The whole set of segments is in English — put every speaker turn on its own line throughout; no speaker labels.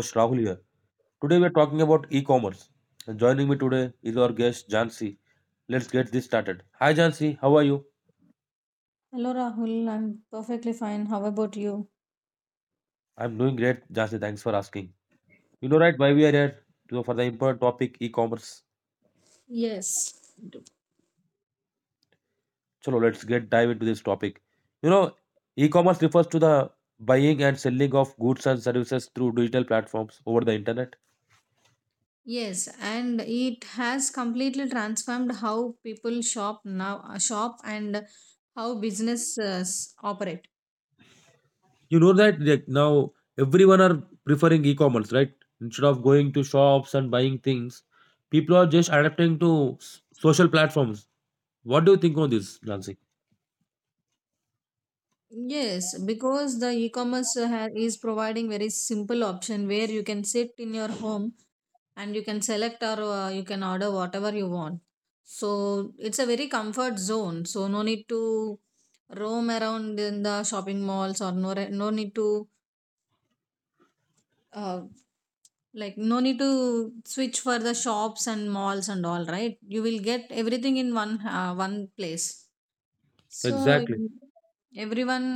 host Rahul here. Today we are talking about e-commerce. And joining me today is our guest Jansi. Let's get this started. Hi Jansi, how are you?
Hello Rahul, I'm perfectly fine. How about you?
I'm doing great, Jansi. Thanks for asking. You know right why we are here? So for the important topic e-commerce. So let's get dive into this topic. You know, E-commerce refers to the buying and selling of goods and services through digital platforms over the internet.
Yes, and it has completely transformed how people shop now, shop and how businesses operate.
You know that like now everyone are preferring e-commerce, right? Instead of going to shops and buying things, people are just adapting to social platforms. What do you think on this, Nancy?
Yes, because the e-commerce is providing very simple option where you can sit in your home and you can select or you can order whatever you want. So it's a very comfort zone. So no need to roam around in the shopping malls or no need to uh, like no need to switch for the shops and malls and all right you will get everything in one place, so
Exactly.
everyone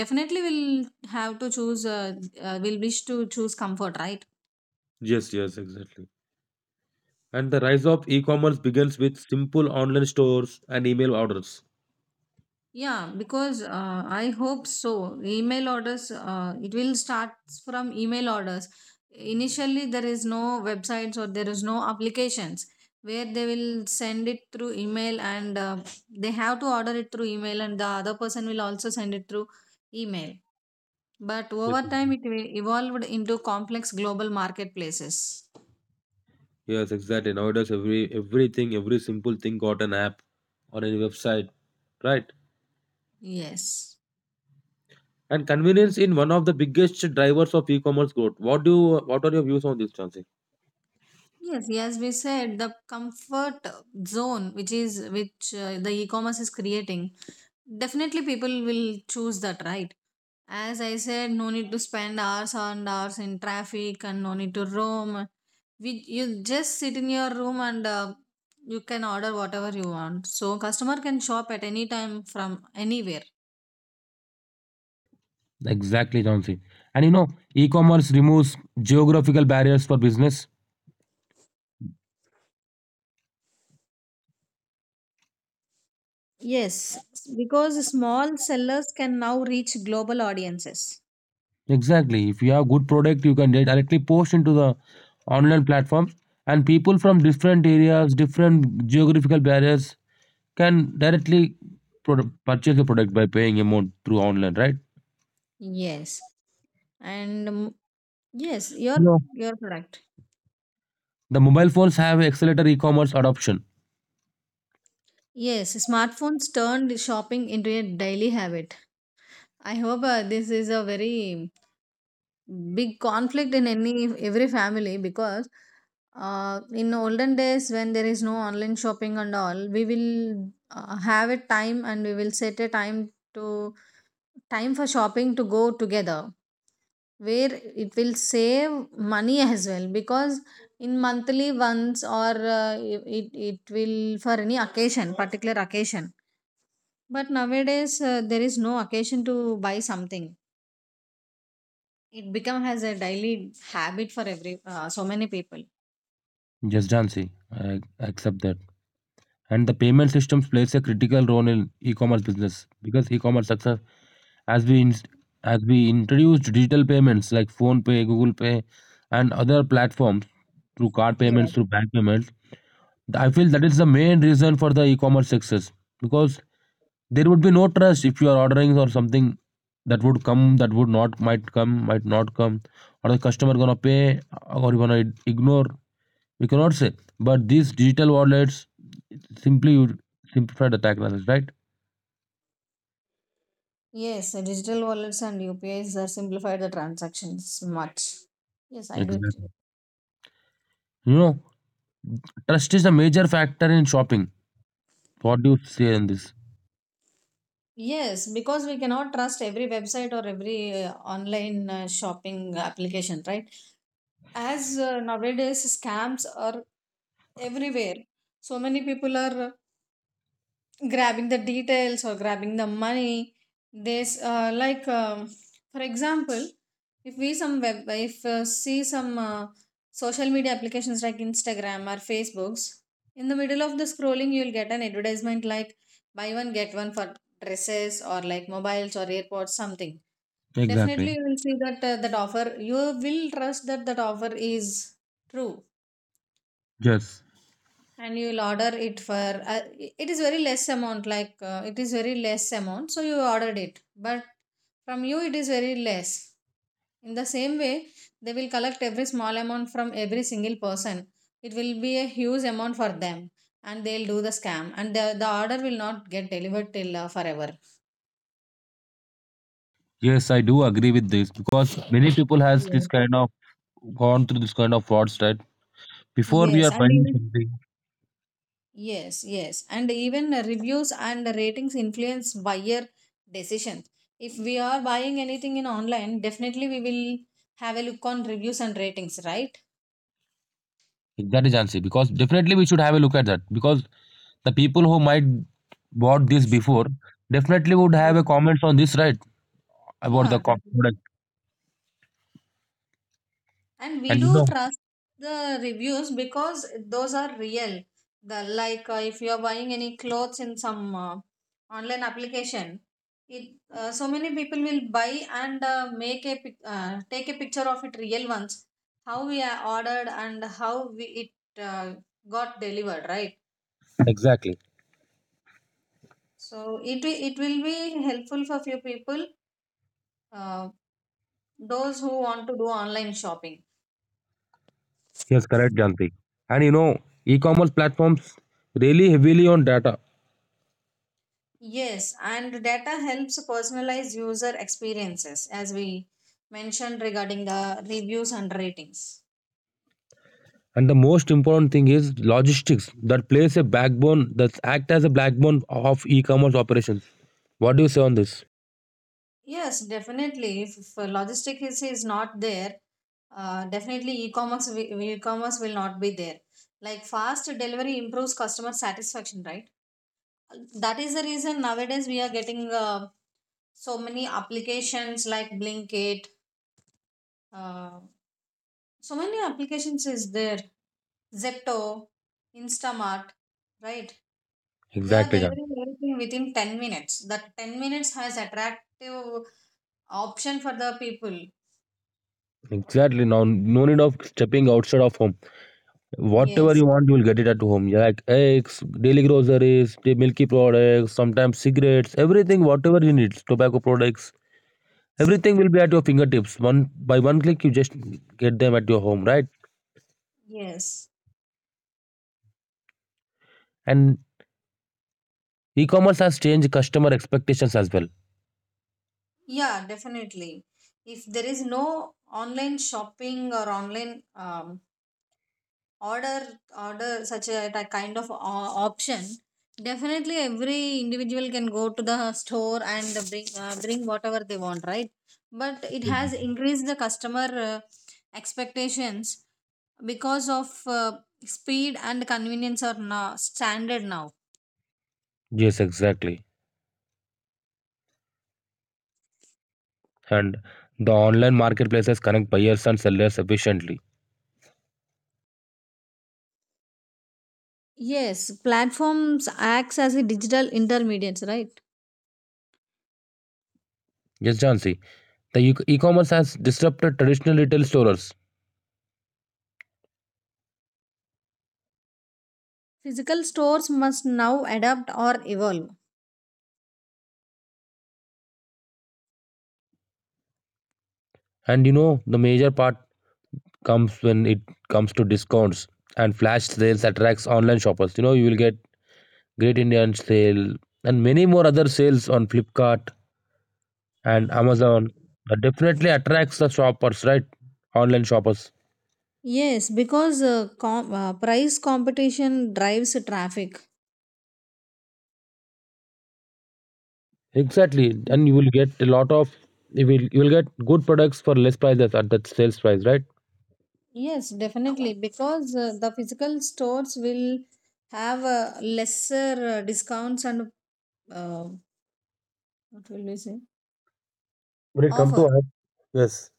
definitely will have to choose will wish to choose comfort, right?
Yes, yes, exactly. And the rise of e-commerce begins with simple online stores and email orders.
Yeah, because I hope so. Email orders, it will start from email orders. Initially, there is no websites or there is no applications where they will send it through email and they have to order it through email and the other person will also send it through email. But
Yes,
over time,
mhm.
it will evolved into complex global marketplaces.
Yes, exactly. Nowadays, every simple thing got an app or any website, right?
Yes.
And convenience in one of the biggest drivers of e-commerce growth. What are your views on this, Chance?
Yes, yes, we said the comfort zone, which the e-commerce is creating. Definitely, people will choose that, right? As I said, no need to spend hours and hours in traffic and no need to roam. You just sit in your room and you can order whatever you want. So, customer can shop at any time from anywhere.
Exactly, Chauncey. And e-commerce removes geographical barriers for business.
Yes, because small sellers can now reach global audiences.
Exactly. If you have good product, you can directly post into the online platforms, and people from different areas, different geographical barriers, can directly purchase the product by paying amount through online, right?
Yes. And yes, your
No.
your product.
The mobile phones have accelerated e-commerce adoption.
Yes, smartphones turned shopping into a daily habit. I hope this is a very big conflict in any every family, because in olden days when there is no online shopping and all, we will have a time and we will set a time to time for shopping to go together where it will save money as well, because in monthly once or it will for any occasion particular occasion, but nowadays there is no occasion to buy something. It become has a daily habit for every so many people.
Yes, Jansi, I accept that. And the payment systems plays a critical role in e-commerce business, because e-commerce success, as we inst as we introduced digital payments like Phone Pay, Google Pay and other platforms, through card payments,
Yes.
through bank payments, I feel that is the main reason for the e-commerce success, because there would be no trust if you are ordering or something, that would come, that would not, might come, might not come, or the customer gonna pay or you gonna ignore, we cannot say. But these digital wallets simply would simplify the tax, right?
Yes, digital wallets and UPIs are simplified the transactions much. Yes, I do agree.
Exactly. you know Trust is a major factor in shopping. What do you say on this?
Yes, because we cannot trust every website or every online shopping application, right? As nowadays scams are everywhere. So many people are grabbing the details or grabbing the money. There's like for example, if we some web if see some social media applications like instagram or facebooks, in the middle of the scrolling you'll get an advertisement like buy one get one for dresses or like mobiles or airpods something.
Exactly.
Definitely you will see that that offer, you will trust that that offer is true
Yes,
and you'll order it for it is very less amount, like it is very less amount, so you ordered it. But from you it is very less, in the same way they will collect every small amount from every single person, it will be a huge amount for them, and they'll do the scam and the order will not get delivered till forever.
yes, I do agree with this, because many people has
Yes,
this kind of gone through this kind of frauds, right? Before we are
yes, and
buying
even
something,
yes, yes. And even reviews and ratings influence buyer decisions. If we are buying anything in online, definitely we will have a look on reviews and ratings, right?
that is answer, because definitely we should have a look at that, because the people who might bought this before definitely would have a
Yeah,
comments on this, right, about
yeah,
the co-
definitely.
product
And we
And you
do
know
trust the reviews because those are real, the like if you are buying any clothes in some online application, it so many people will buy and take a picture of it, real ones how we are ordered and how we, it got delivered, right?
exactly.
So it will be helpful for few people uh, those who want to do online shopping.
Yes, correct, Janti. And e-commerce platforms really heavily on data.
Yes, and data helps personalize user experiences as we mentioned regarding the reviews and ratings.
And the most important thing is logistics that plays a backbone that act as a backbone of e-commerce operations. What do you say on this?
Yes, definitely. If logistic is not there, definitely e-commerce will not be there. Like fast delivery improves customer satisfaction, right? That is the reason nowadays we are getting so many applications like Blinkit. Uh, so many applications is there, Zepto, Instamart, right? They are
Exactly, John.
delivering everything within 10 minutes. That 10 minutes has attractive option for the people.
Exactly. Now, no need of stepping outside of home. Whatever
Yes,
you want, you will get it at home. Yeah, like eggs, daily groceries, the milky products, sometimes cigarettes, everything, whatever you need, tobacco products, everything will be at your fingertips. One by one click, you just get them at your home, right?
yes.
And e-commerce has changed customer expectations as well.
Yeah, definitely. If there is no online shopping or online order order such a kind of option, definitely every individual can go to the store and bring whatever they want, right? But it has
Mhm.
increased the customer expectations because of speed and convenience are now standard now.
Yes, exactly. And the online marketplaces connect buyers and sellers efficiently.
Yes, platforms acts as a digital intermediates, right?
Yes, Jansi. The e-commerce has disrupted traditional retail stores,
Physical stores must now adapt or evolve.
and you know the major part comes when it comes to discounts, and flash sales attracts online shoppers. You know you will get Great Indian Sale and many more other sales on Flipkart and Amazon. That definitely attracts the shoppers, right? Online shoppers.
Yes, because price competition drives traffic.
Exactly, and you will get good products for less prices at that sales price, right?
Yes, definitely. Because the physical stores will have lesser discounts and uh, what will we say
When it come to
offer.
art, yes,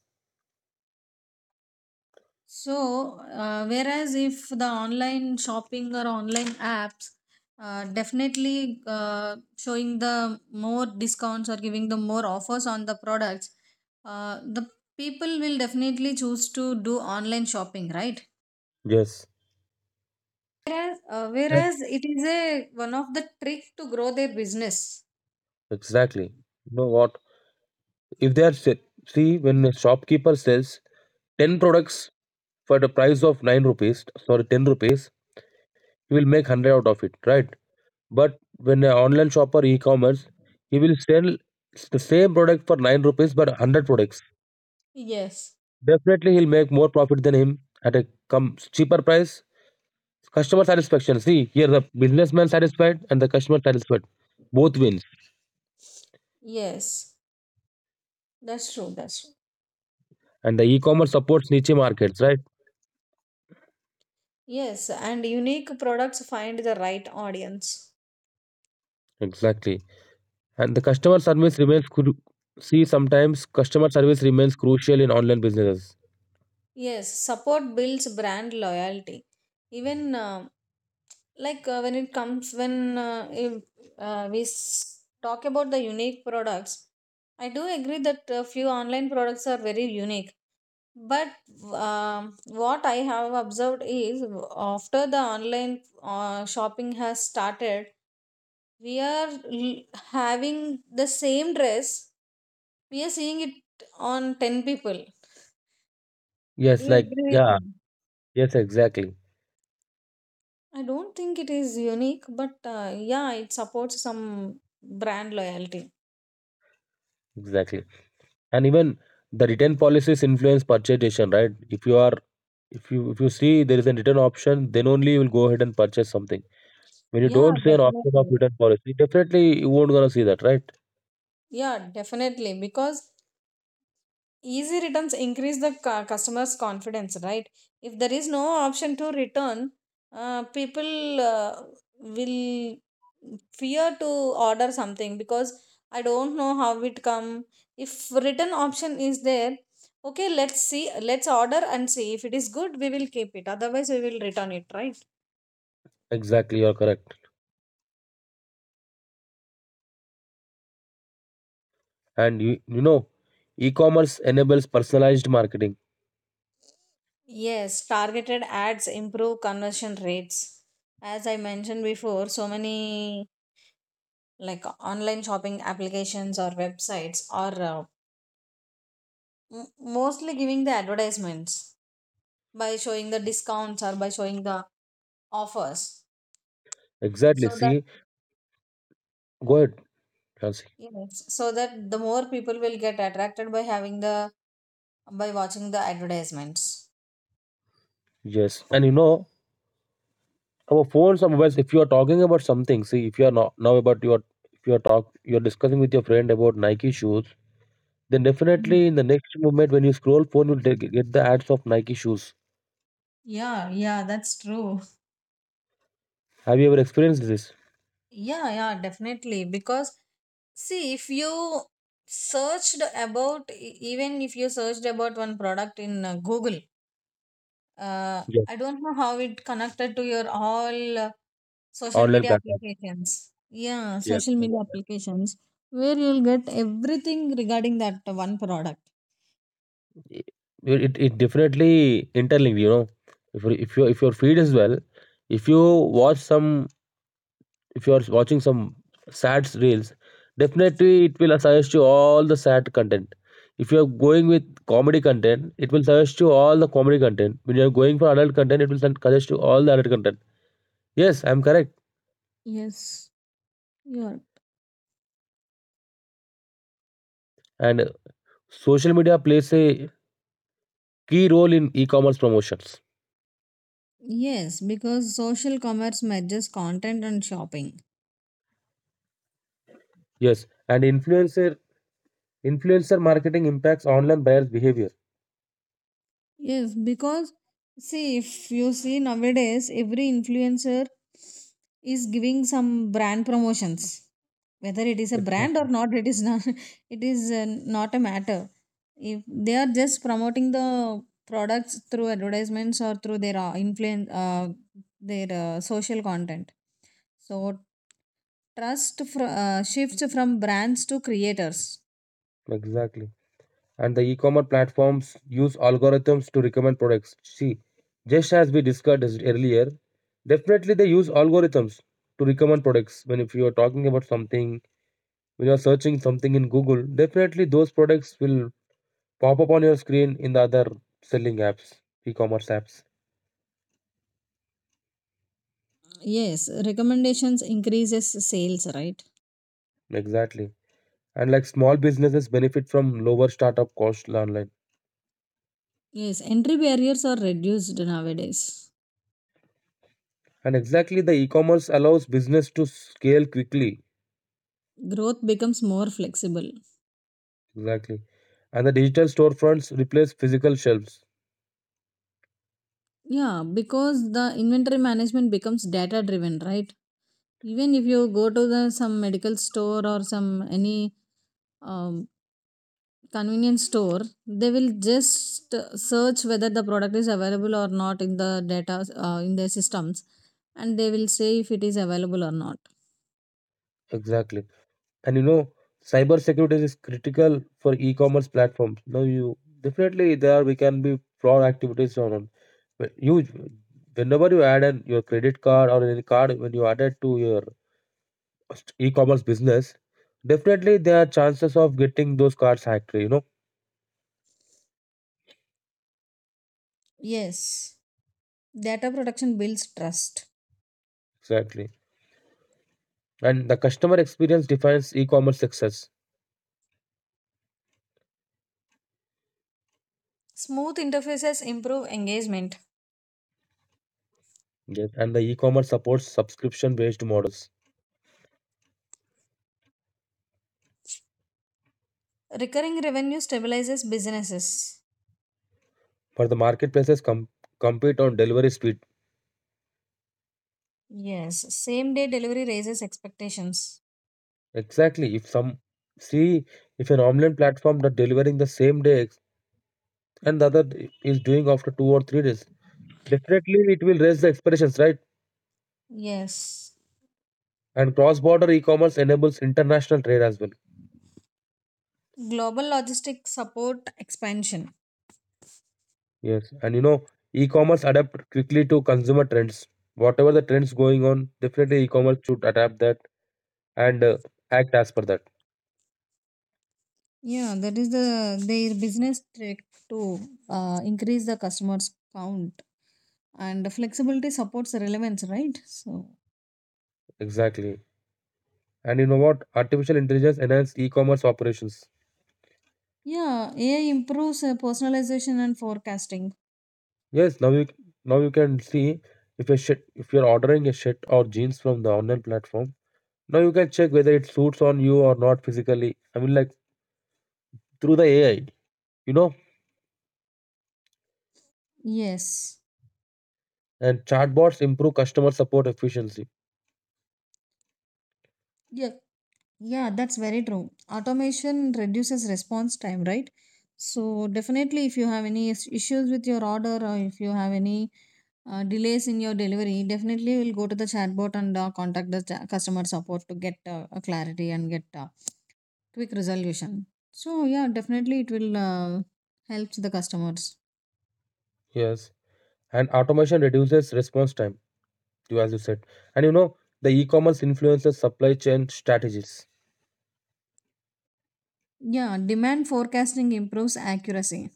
So, whereas if the online shopping or online apps definitely showing the more discounts or giving the more offers on the products, the people will definitely choose to do online shopping, right?
yes,
Whereas,
right,
whereas it is a one of the trick to grow their business.
exactly. You know what? If they are see, when a shopkeeper sells 10 products for the price of 9 rupees, sorry, 10 rupees, he will make 100 out of it, right? But when an online shopper e-commerce, he will sell the same product for 9 rupees but 100 products.
Yes,
Definitely, he'll make more profit than him at a cheaper price. Customer satisfaction. See here, the businessman satisfied and the customer satisfied, both wins.
yes, that's true. That's true.
And the e-commerce supports niche markets, right?
Yes, and unique products find the right audience.
Exactly. And the customer service remains, see, sometimes customer service remains crucial in online businesses.
Yes, support builds brand loyalty. Even like when it comes when if, we talk about the unique products, I do agree that a few online products are very unique. But what I have observed is after the online shopping has started, we are l- having the same dress. We are seeing it on 10 people. Do
Yes,
you
like
agree with
yeah,
me?
yes, exactly,
I don't think it is unique, but yeah, it supports some brand loyalty.
exactly. And even the return policies influence purchase decision, right? If you are if you see there is a return option, then only you will go ahead and purchase something. When you
Yeah,
don't see an option of
definitely.
return policy, definitely you won't gonna see that, right?
Yeah, definitely. Because easy returns increase the customer's confidence, right? If there is no option to return, people will fear to order something, because I don't know how it come. If return option is there, okay, let's see, let's order and see, if it is good we will keep it, otherwise we will return it, right?
Exactly, you're correct. And e-commerce enables personalized marketing.
Yes, targeted ads improve conversion rates. As I mentioned before, so many like online shopping applications or websites are mostly giving the advertisements by showing the discounts or by showing the offers,
Exactly.
so that
See, go ahead, Nancy.
yes, so that the more people will get attracted by having the by watching the advertisements.
Yes, and our phones or mobiles. If you are talking about something, see, if you are talk you are discussing with your friend about Nike shoes, then definitely in the next moment when you scroll phone, get the ads of Nike shoes.
Yeah, yeah, that's true.
Have you ever experienced this?
Yeah, yeah, definitely. Because see, if you searched about, e- even if you searched about one product in Google,
Yes,
I don't know how it connected to your all social
online
media
platform.
applications. Yeah,
Yes,
social media applications where you'll get everything regarding that one product.
it it definitely interlinked. You know, if your feed as well, if you watch some if you are watching some sad reels, definitely it will suggest you all the sad content. If you are going with comedy content, it will suggest you all the comedy content. When you are going for adult content, it will suggest you all the adult content. Yes, I am correct.
Yes, you are.
And social media plays a key role in e-commerce promotions.
Yes, because social commerce merges content and shopping.
Yes, and influencer marketing impacts online buyers' behavior.
Yes, because see, if you see nowadays, every influencer is giving some brand promotions. Whether it is a brand or
Exactly.
not, it is not. It is not a matter. If they are just promoting the products through advertisements or through their influence, their social content. So trust shifts from brands to creators.
Exactly. And the e-commerce platforms use algorithms to recommend products. See, just as we discussed earlier, definitely they use algorithms to recommend products. When if you are talking about something, when you are searching something in Google, definitely those products will pop up on your screen in the other selling apps, e-commerce apps.
Yes, recommendations increases sales, right?
Exactly. And like small businesses benefit from lower startup costs online.
Yes, entry barriers are reduced nowadays.
And exactly the e-commerce allows business to scale quickly.
Growth becomes more flexible.
Exactly. And the digital storefronts replace physical shelves.
Yeah, because the inventory management becomes data driven, right? Even if you go to the some medical store or some any um, convenience store, they will just search whether the product is available or not in the data in their systems, and they will say if it is available or not.
Exactly. And you know, cyber security is critical for e-commerce platforms. Now you definitely there we can be fraud activities on. But you whenever you add an your credit card or any card, when you add it to your e-commerce business, definitely there are chances of getting those cards hacked.
Yes, data protection builds trust.
Exactly. And the customer experience defines e-commerce success.
Smooth interfaces improve engagement.
Yes. And the e-commerce supports subscription-based models.
Recurring revenue stabilizes businesses.
For the marketplaces compete on delivery speed.
Yes. Same day delivery raises expectations.
Exactly. if some See if an online platform that delivering the same day and the other is doing after 2 or 3 days, definitely it will raise the expectations, right?
Yes.
And cross-border e-commerce enables international trade as well.
Global logistics support expansion.
Yes. And you know e-commerce adapt quickly to consumer trends, whatever the trends going on, definitely e-commerce should adapt that and act as per that.
Yeah, that is the their business trick to increase the customers count, and flexibility supports relevance, right? So
Exactly. And you know what, artificial intelligence enhances e-commerce operations.
yeah, AI improves personalization and forecasting.
Yes, now you can see, if if you're ordering a shirt or jeans from the online platform, now you can check whether it suits on you or not physically. I mean, like, through the AI, you know.
Yes.
And chatbots improve customer support efficiency.
Yeah, yeah, that's very true. Automation reduces response time, right? So definitely, if you have any issues with your order or if you have any delays in your delivery, definitely you will go to the chatbot and contact the customer support to get a clarity and get quick resolution. So yeah, definitely it will help the customers.
Yes, and automation reduces response time, you as you said. And you know, the e-commerce influences supply chain strategies.
Yeah, demand forecasting improves accuracy.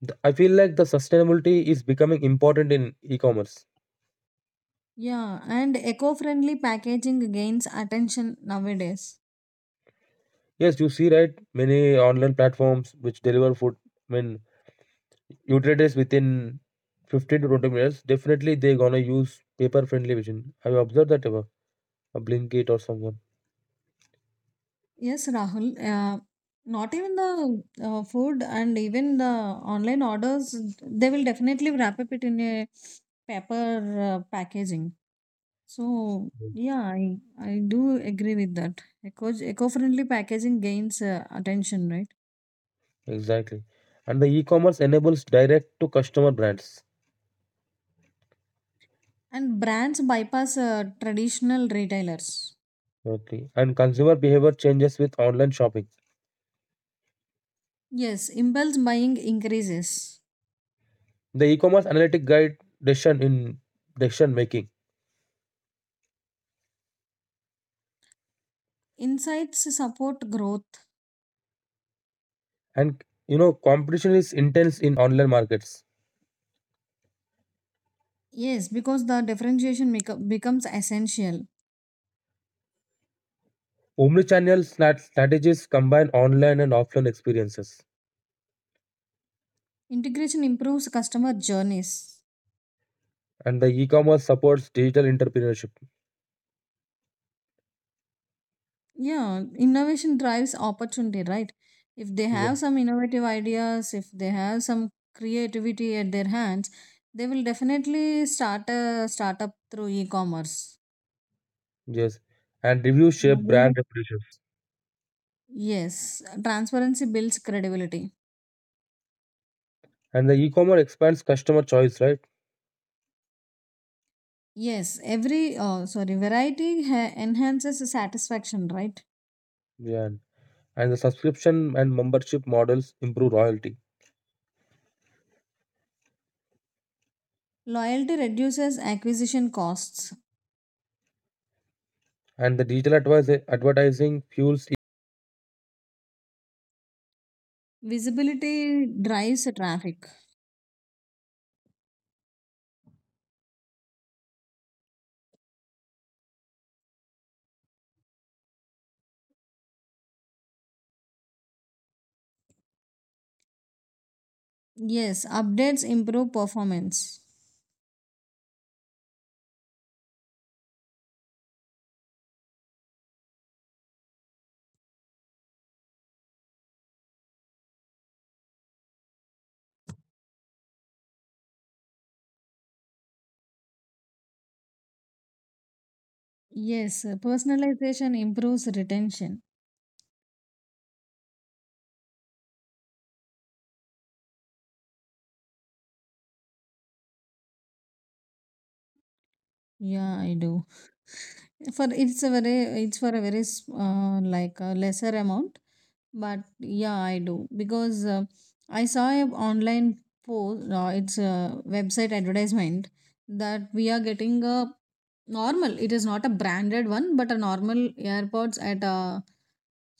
I feel like the sustainability is becoming important in e-commerce.
Yeah, and eco-friendly packaging gains attention nowadays.
Yes, you see, right? Many online platforms which deliver food, I mean utilities, within 15 to 20 minutes, definitely they're gonna use paper friendly vision. Have you observed that ever? A Blinkit or someone.
Yes, Rahul. Not even the food and even the online orders, they will definitely wrap up it in a paper packaging. So
Mm.
yeah, I do agree with that. Eco-friendly packaging gains attention, right?
Exactly. And the e-commerce enables direct to customer brands.
And brands bypass traditional retailers.
Okay. And consumer behavior changes with online shopping.
Yes, impulse buying increases.
The e-commerce analytic guide decision in decision making.
Insights support growth.
And you know, competition is intense in online markets.
Yes, because the differentiation make becomes essential.
Omnichannel strategies combine online and offline experiences.
Integration improves customer journeys.
And the e-commerce supports digital entrepreneurship.
Yeah, innovation drives opportunity, right? If they have some innovative ideas, if they have some creativity at their hands, they will definitely start a startup through e-commerce.
Yes. And reviews shape brand
Nowadays-
reputations.
Yes, transparency builds credibility.
And the e-commerce expands customer choice, right?
Yes, every oh, sorry, variety enhances satisfaction, right?
Yeah. And the subscription and membership models improve loyalty.
Loyalty reduces acquisition costs.
And the digital advertising fuels
Visibility drives traffic. Yes, updates improve performance. Yes, personalization improves retention. Yeah, I do. For it's a very it's for a very s- like a lesser amount, but yeah, I do because I saw a online post. It's a website advertisement that we are getting a normal. It is not a branded one, but a normal AirPods at a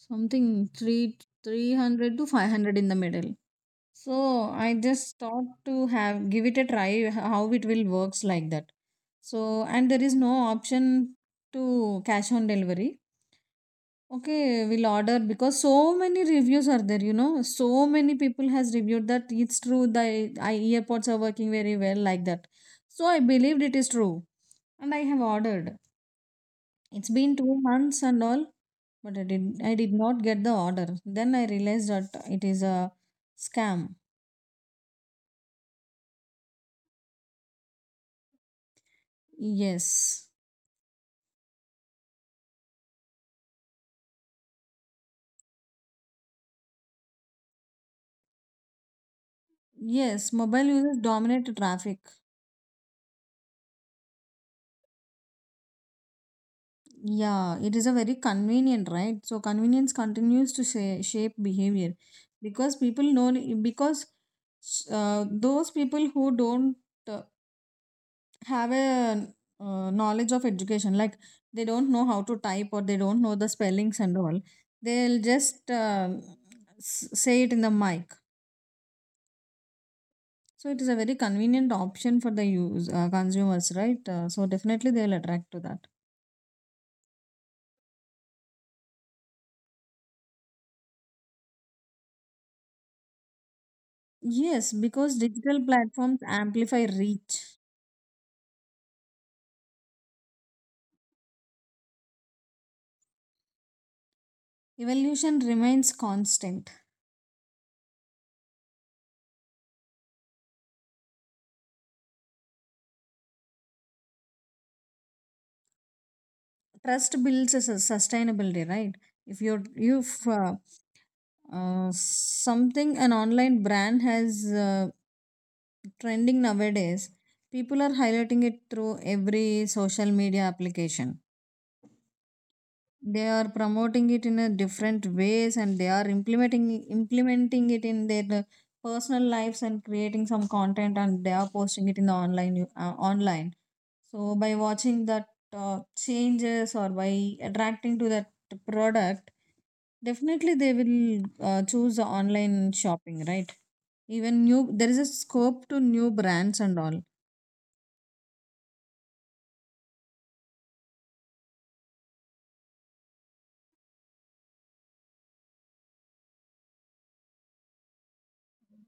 something three three hundred to 500 in the middle. So I just thought to have give it a try how it will works like that. So and there is no option to cash on delivery. Okay, we'll order because so many reviews are there. So many people has reviewed that it's true, the I earpods are working very well like that. So I believed it is true and I have ordered. It's been 2 months and all, but I did not get the order. Then I realized that it is a scam. Yes. Yes, mobile users dominate traffic. Yeah, it is a very convenient, right? So convenience continues to shape behavior because people know because those people who don't uh, have a knowledge of education, like they don't know how to type or they don't know the spellings and all, they'll just say it in the mic. So it is a very convenient option for the use consumers, right? So definitely they'll attract to that. Yes, because digital platforms amplify reach. Evolution remains constant. Trust builds a sustainability, right? If something an online brand has trending nowadays, people are highlighting it through every social media application. They are promoting it in a different ways and they are implementing it in their personal lives and creating some content and they are posting it in the online. So by watching that changes or by attracting to that product, definitely they will choose the online shopping, right? Even new there is a scope to new brands and all.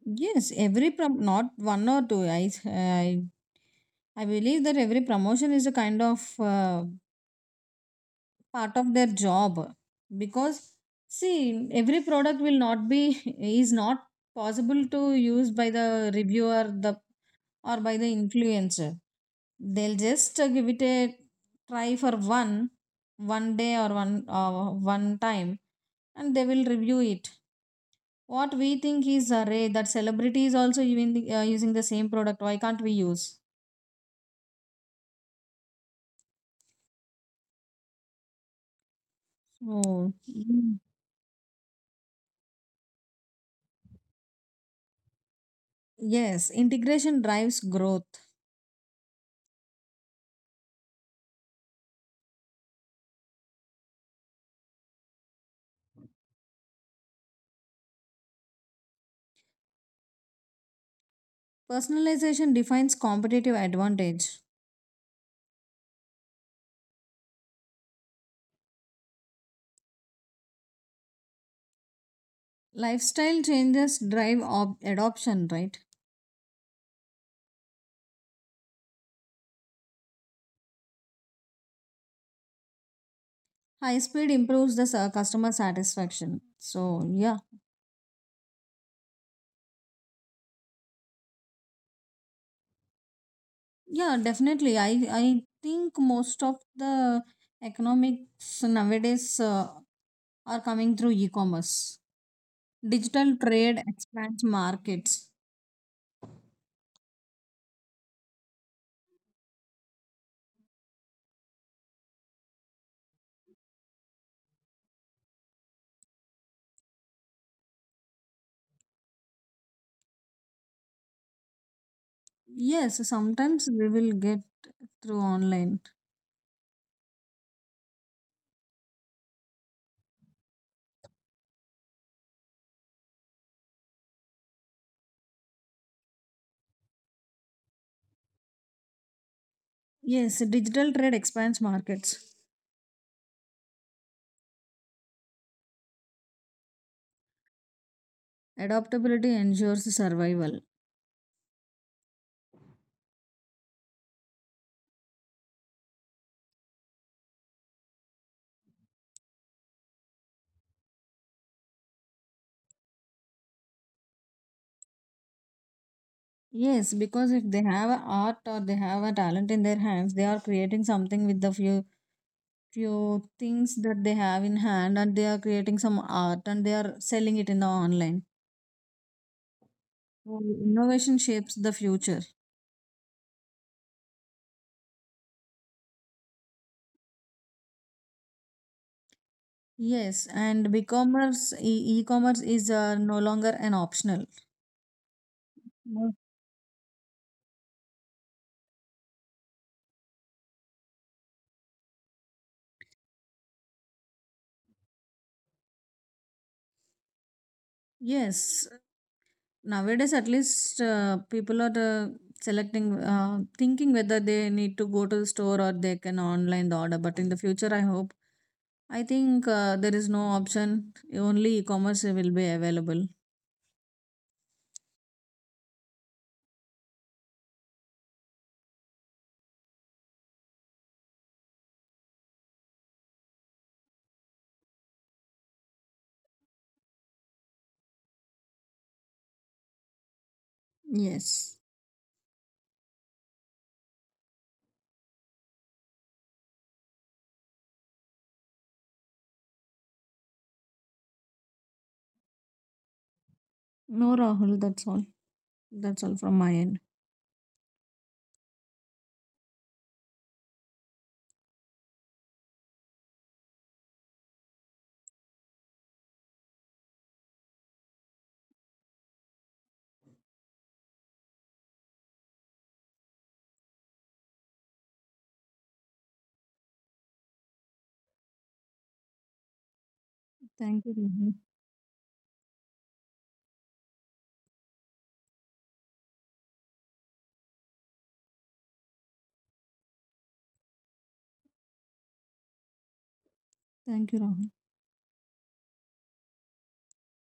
Yes, every prom not one or two. I believe that every promotion is a kind of part of their job because see every product will not be is not possible to use by the reviewer the or by the influencer. They'll just give it a try for one day or one time and they will review it what we think is rare that celebrities also even using the same product. Why can't we use? So, mm, yes, integration drives growth. Personalization defines competitive advantage. Lifestyle changes drive adoption, right? High speed improves the customer satisfaction. So yeah, yeah, definitely. I think most of the economics nowadays are coming through e-commerce. Digital trade expands markets. Yes, sometimes we will get through online. Yes, digital trade expands markets. Adaptability ensures survival. Yes, because if they have a art or they have a talent in their hands, they are creating something with the few things that they have in hand and they are creating some art and they are selling it in the online. So, innovation shapes the future. Yes, and e-commerce is no longer an optional. Yes. Nowadays, at least people are thinking whether they need to go to the store or they can online the order. But in the future, I hope, I think there is no option. Only e-commerce will be available. Yes. No, Rahul. That's all. That's all from my end. Thank you, Rahul. Thank you, Rahul.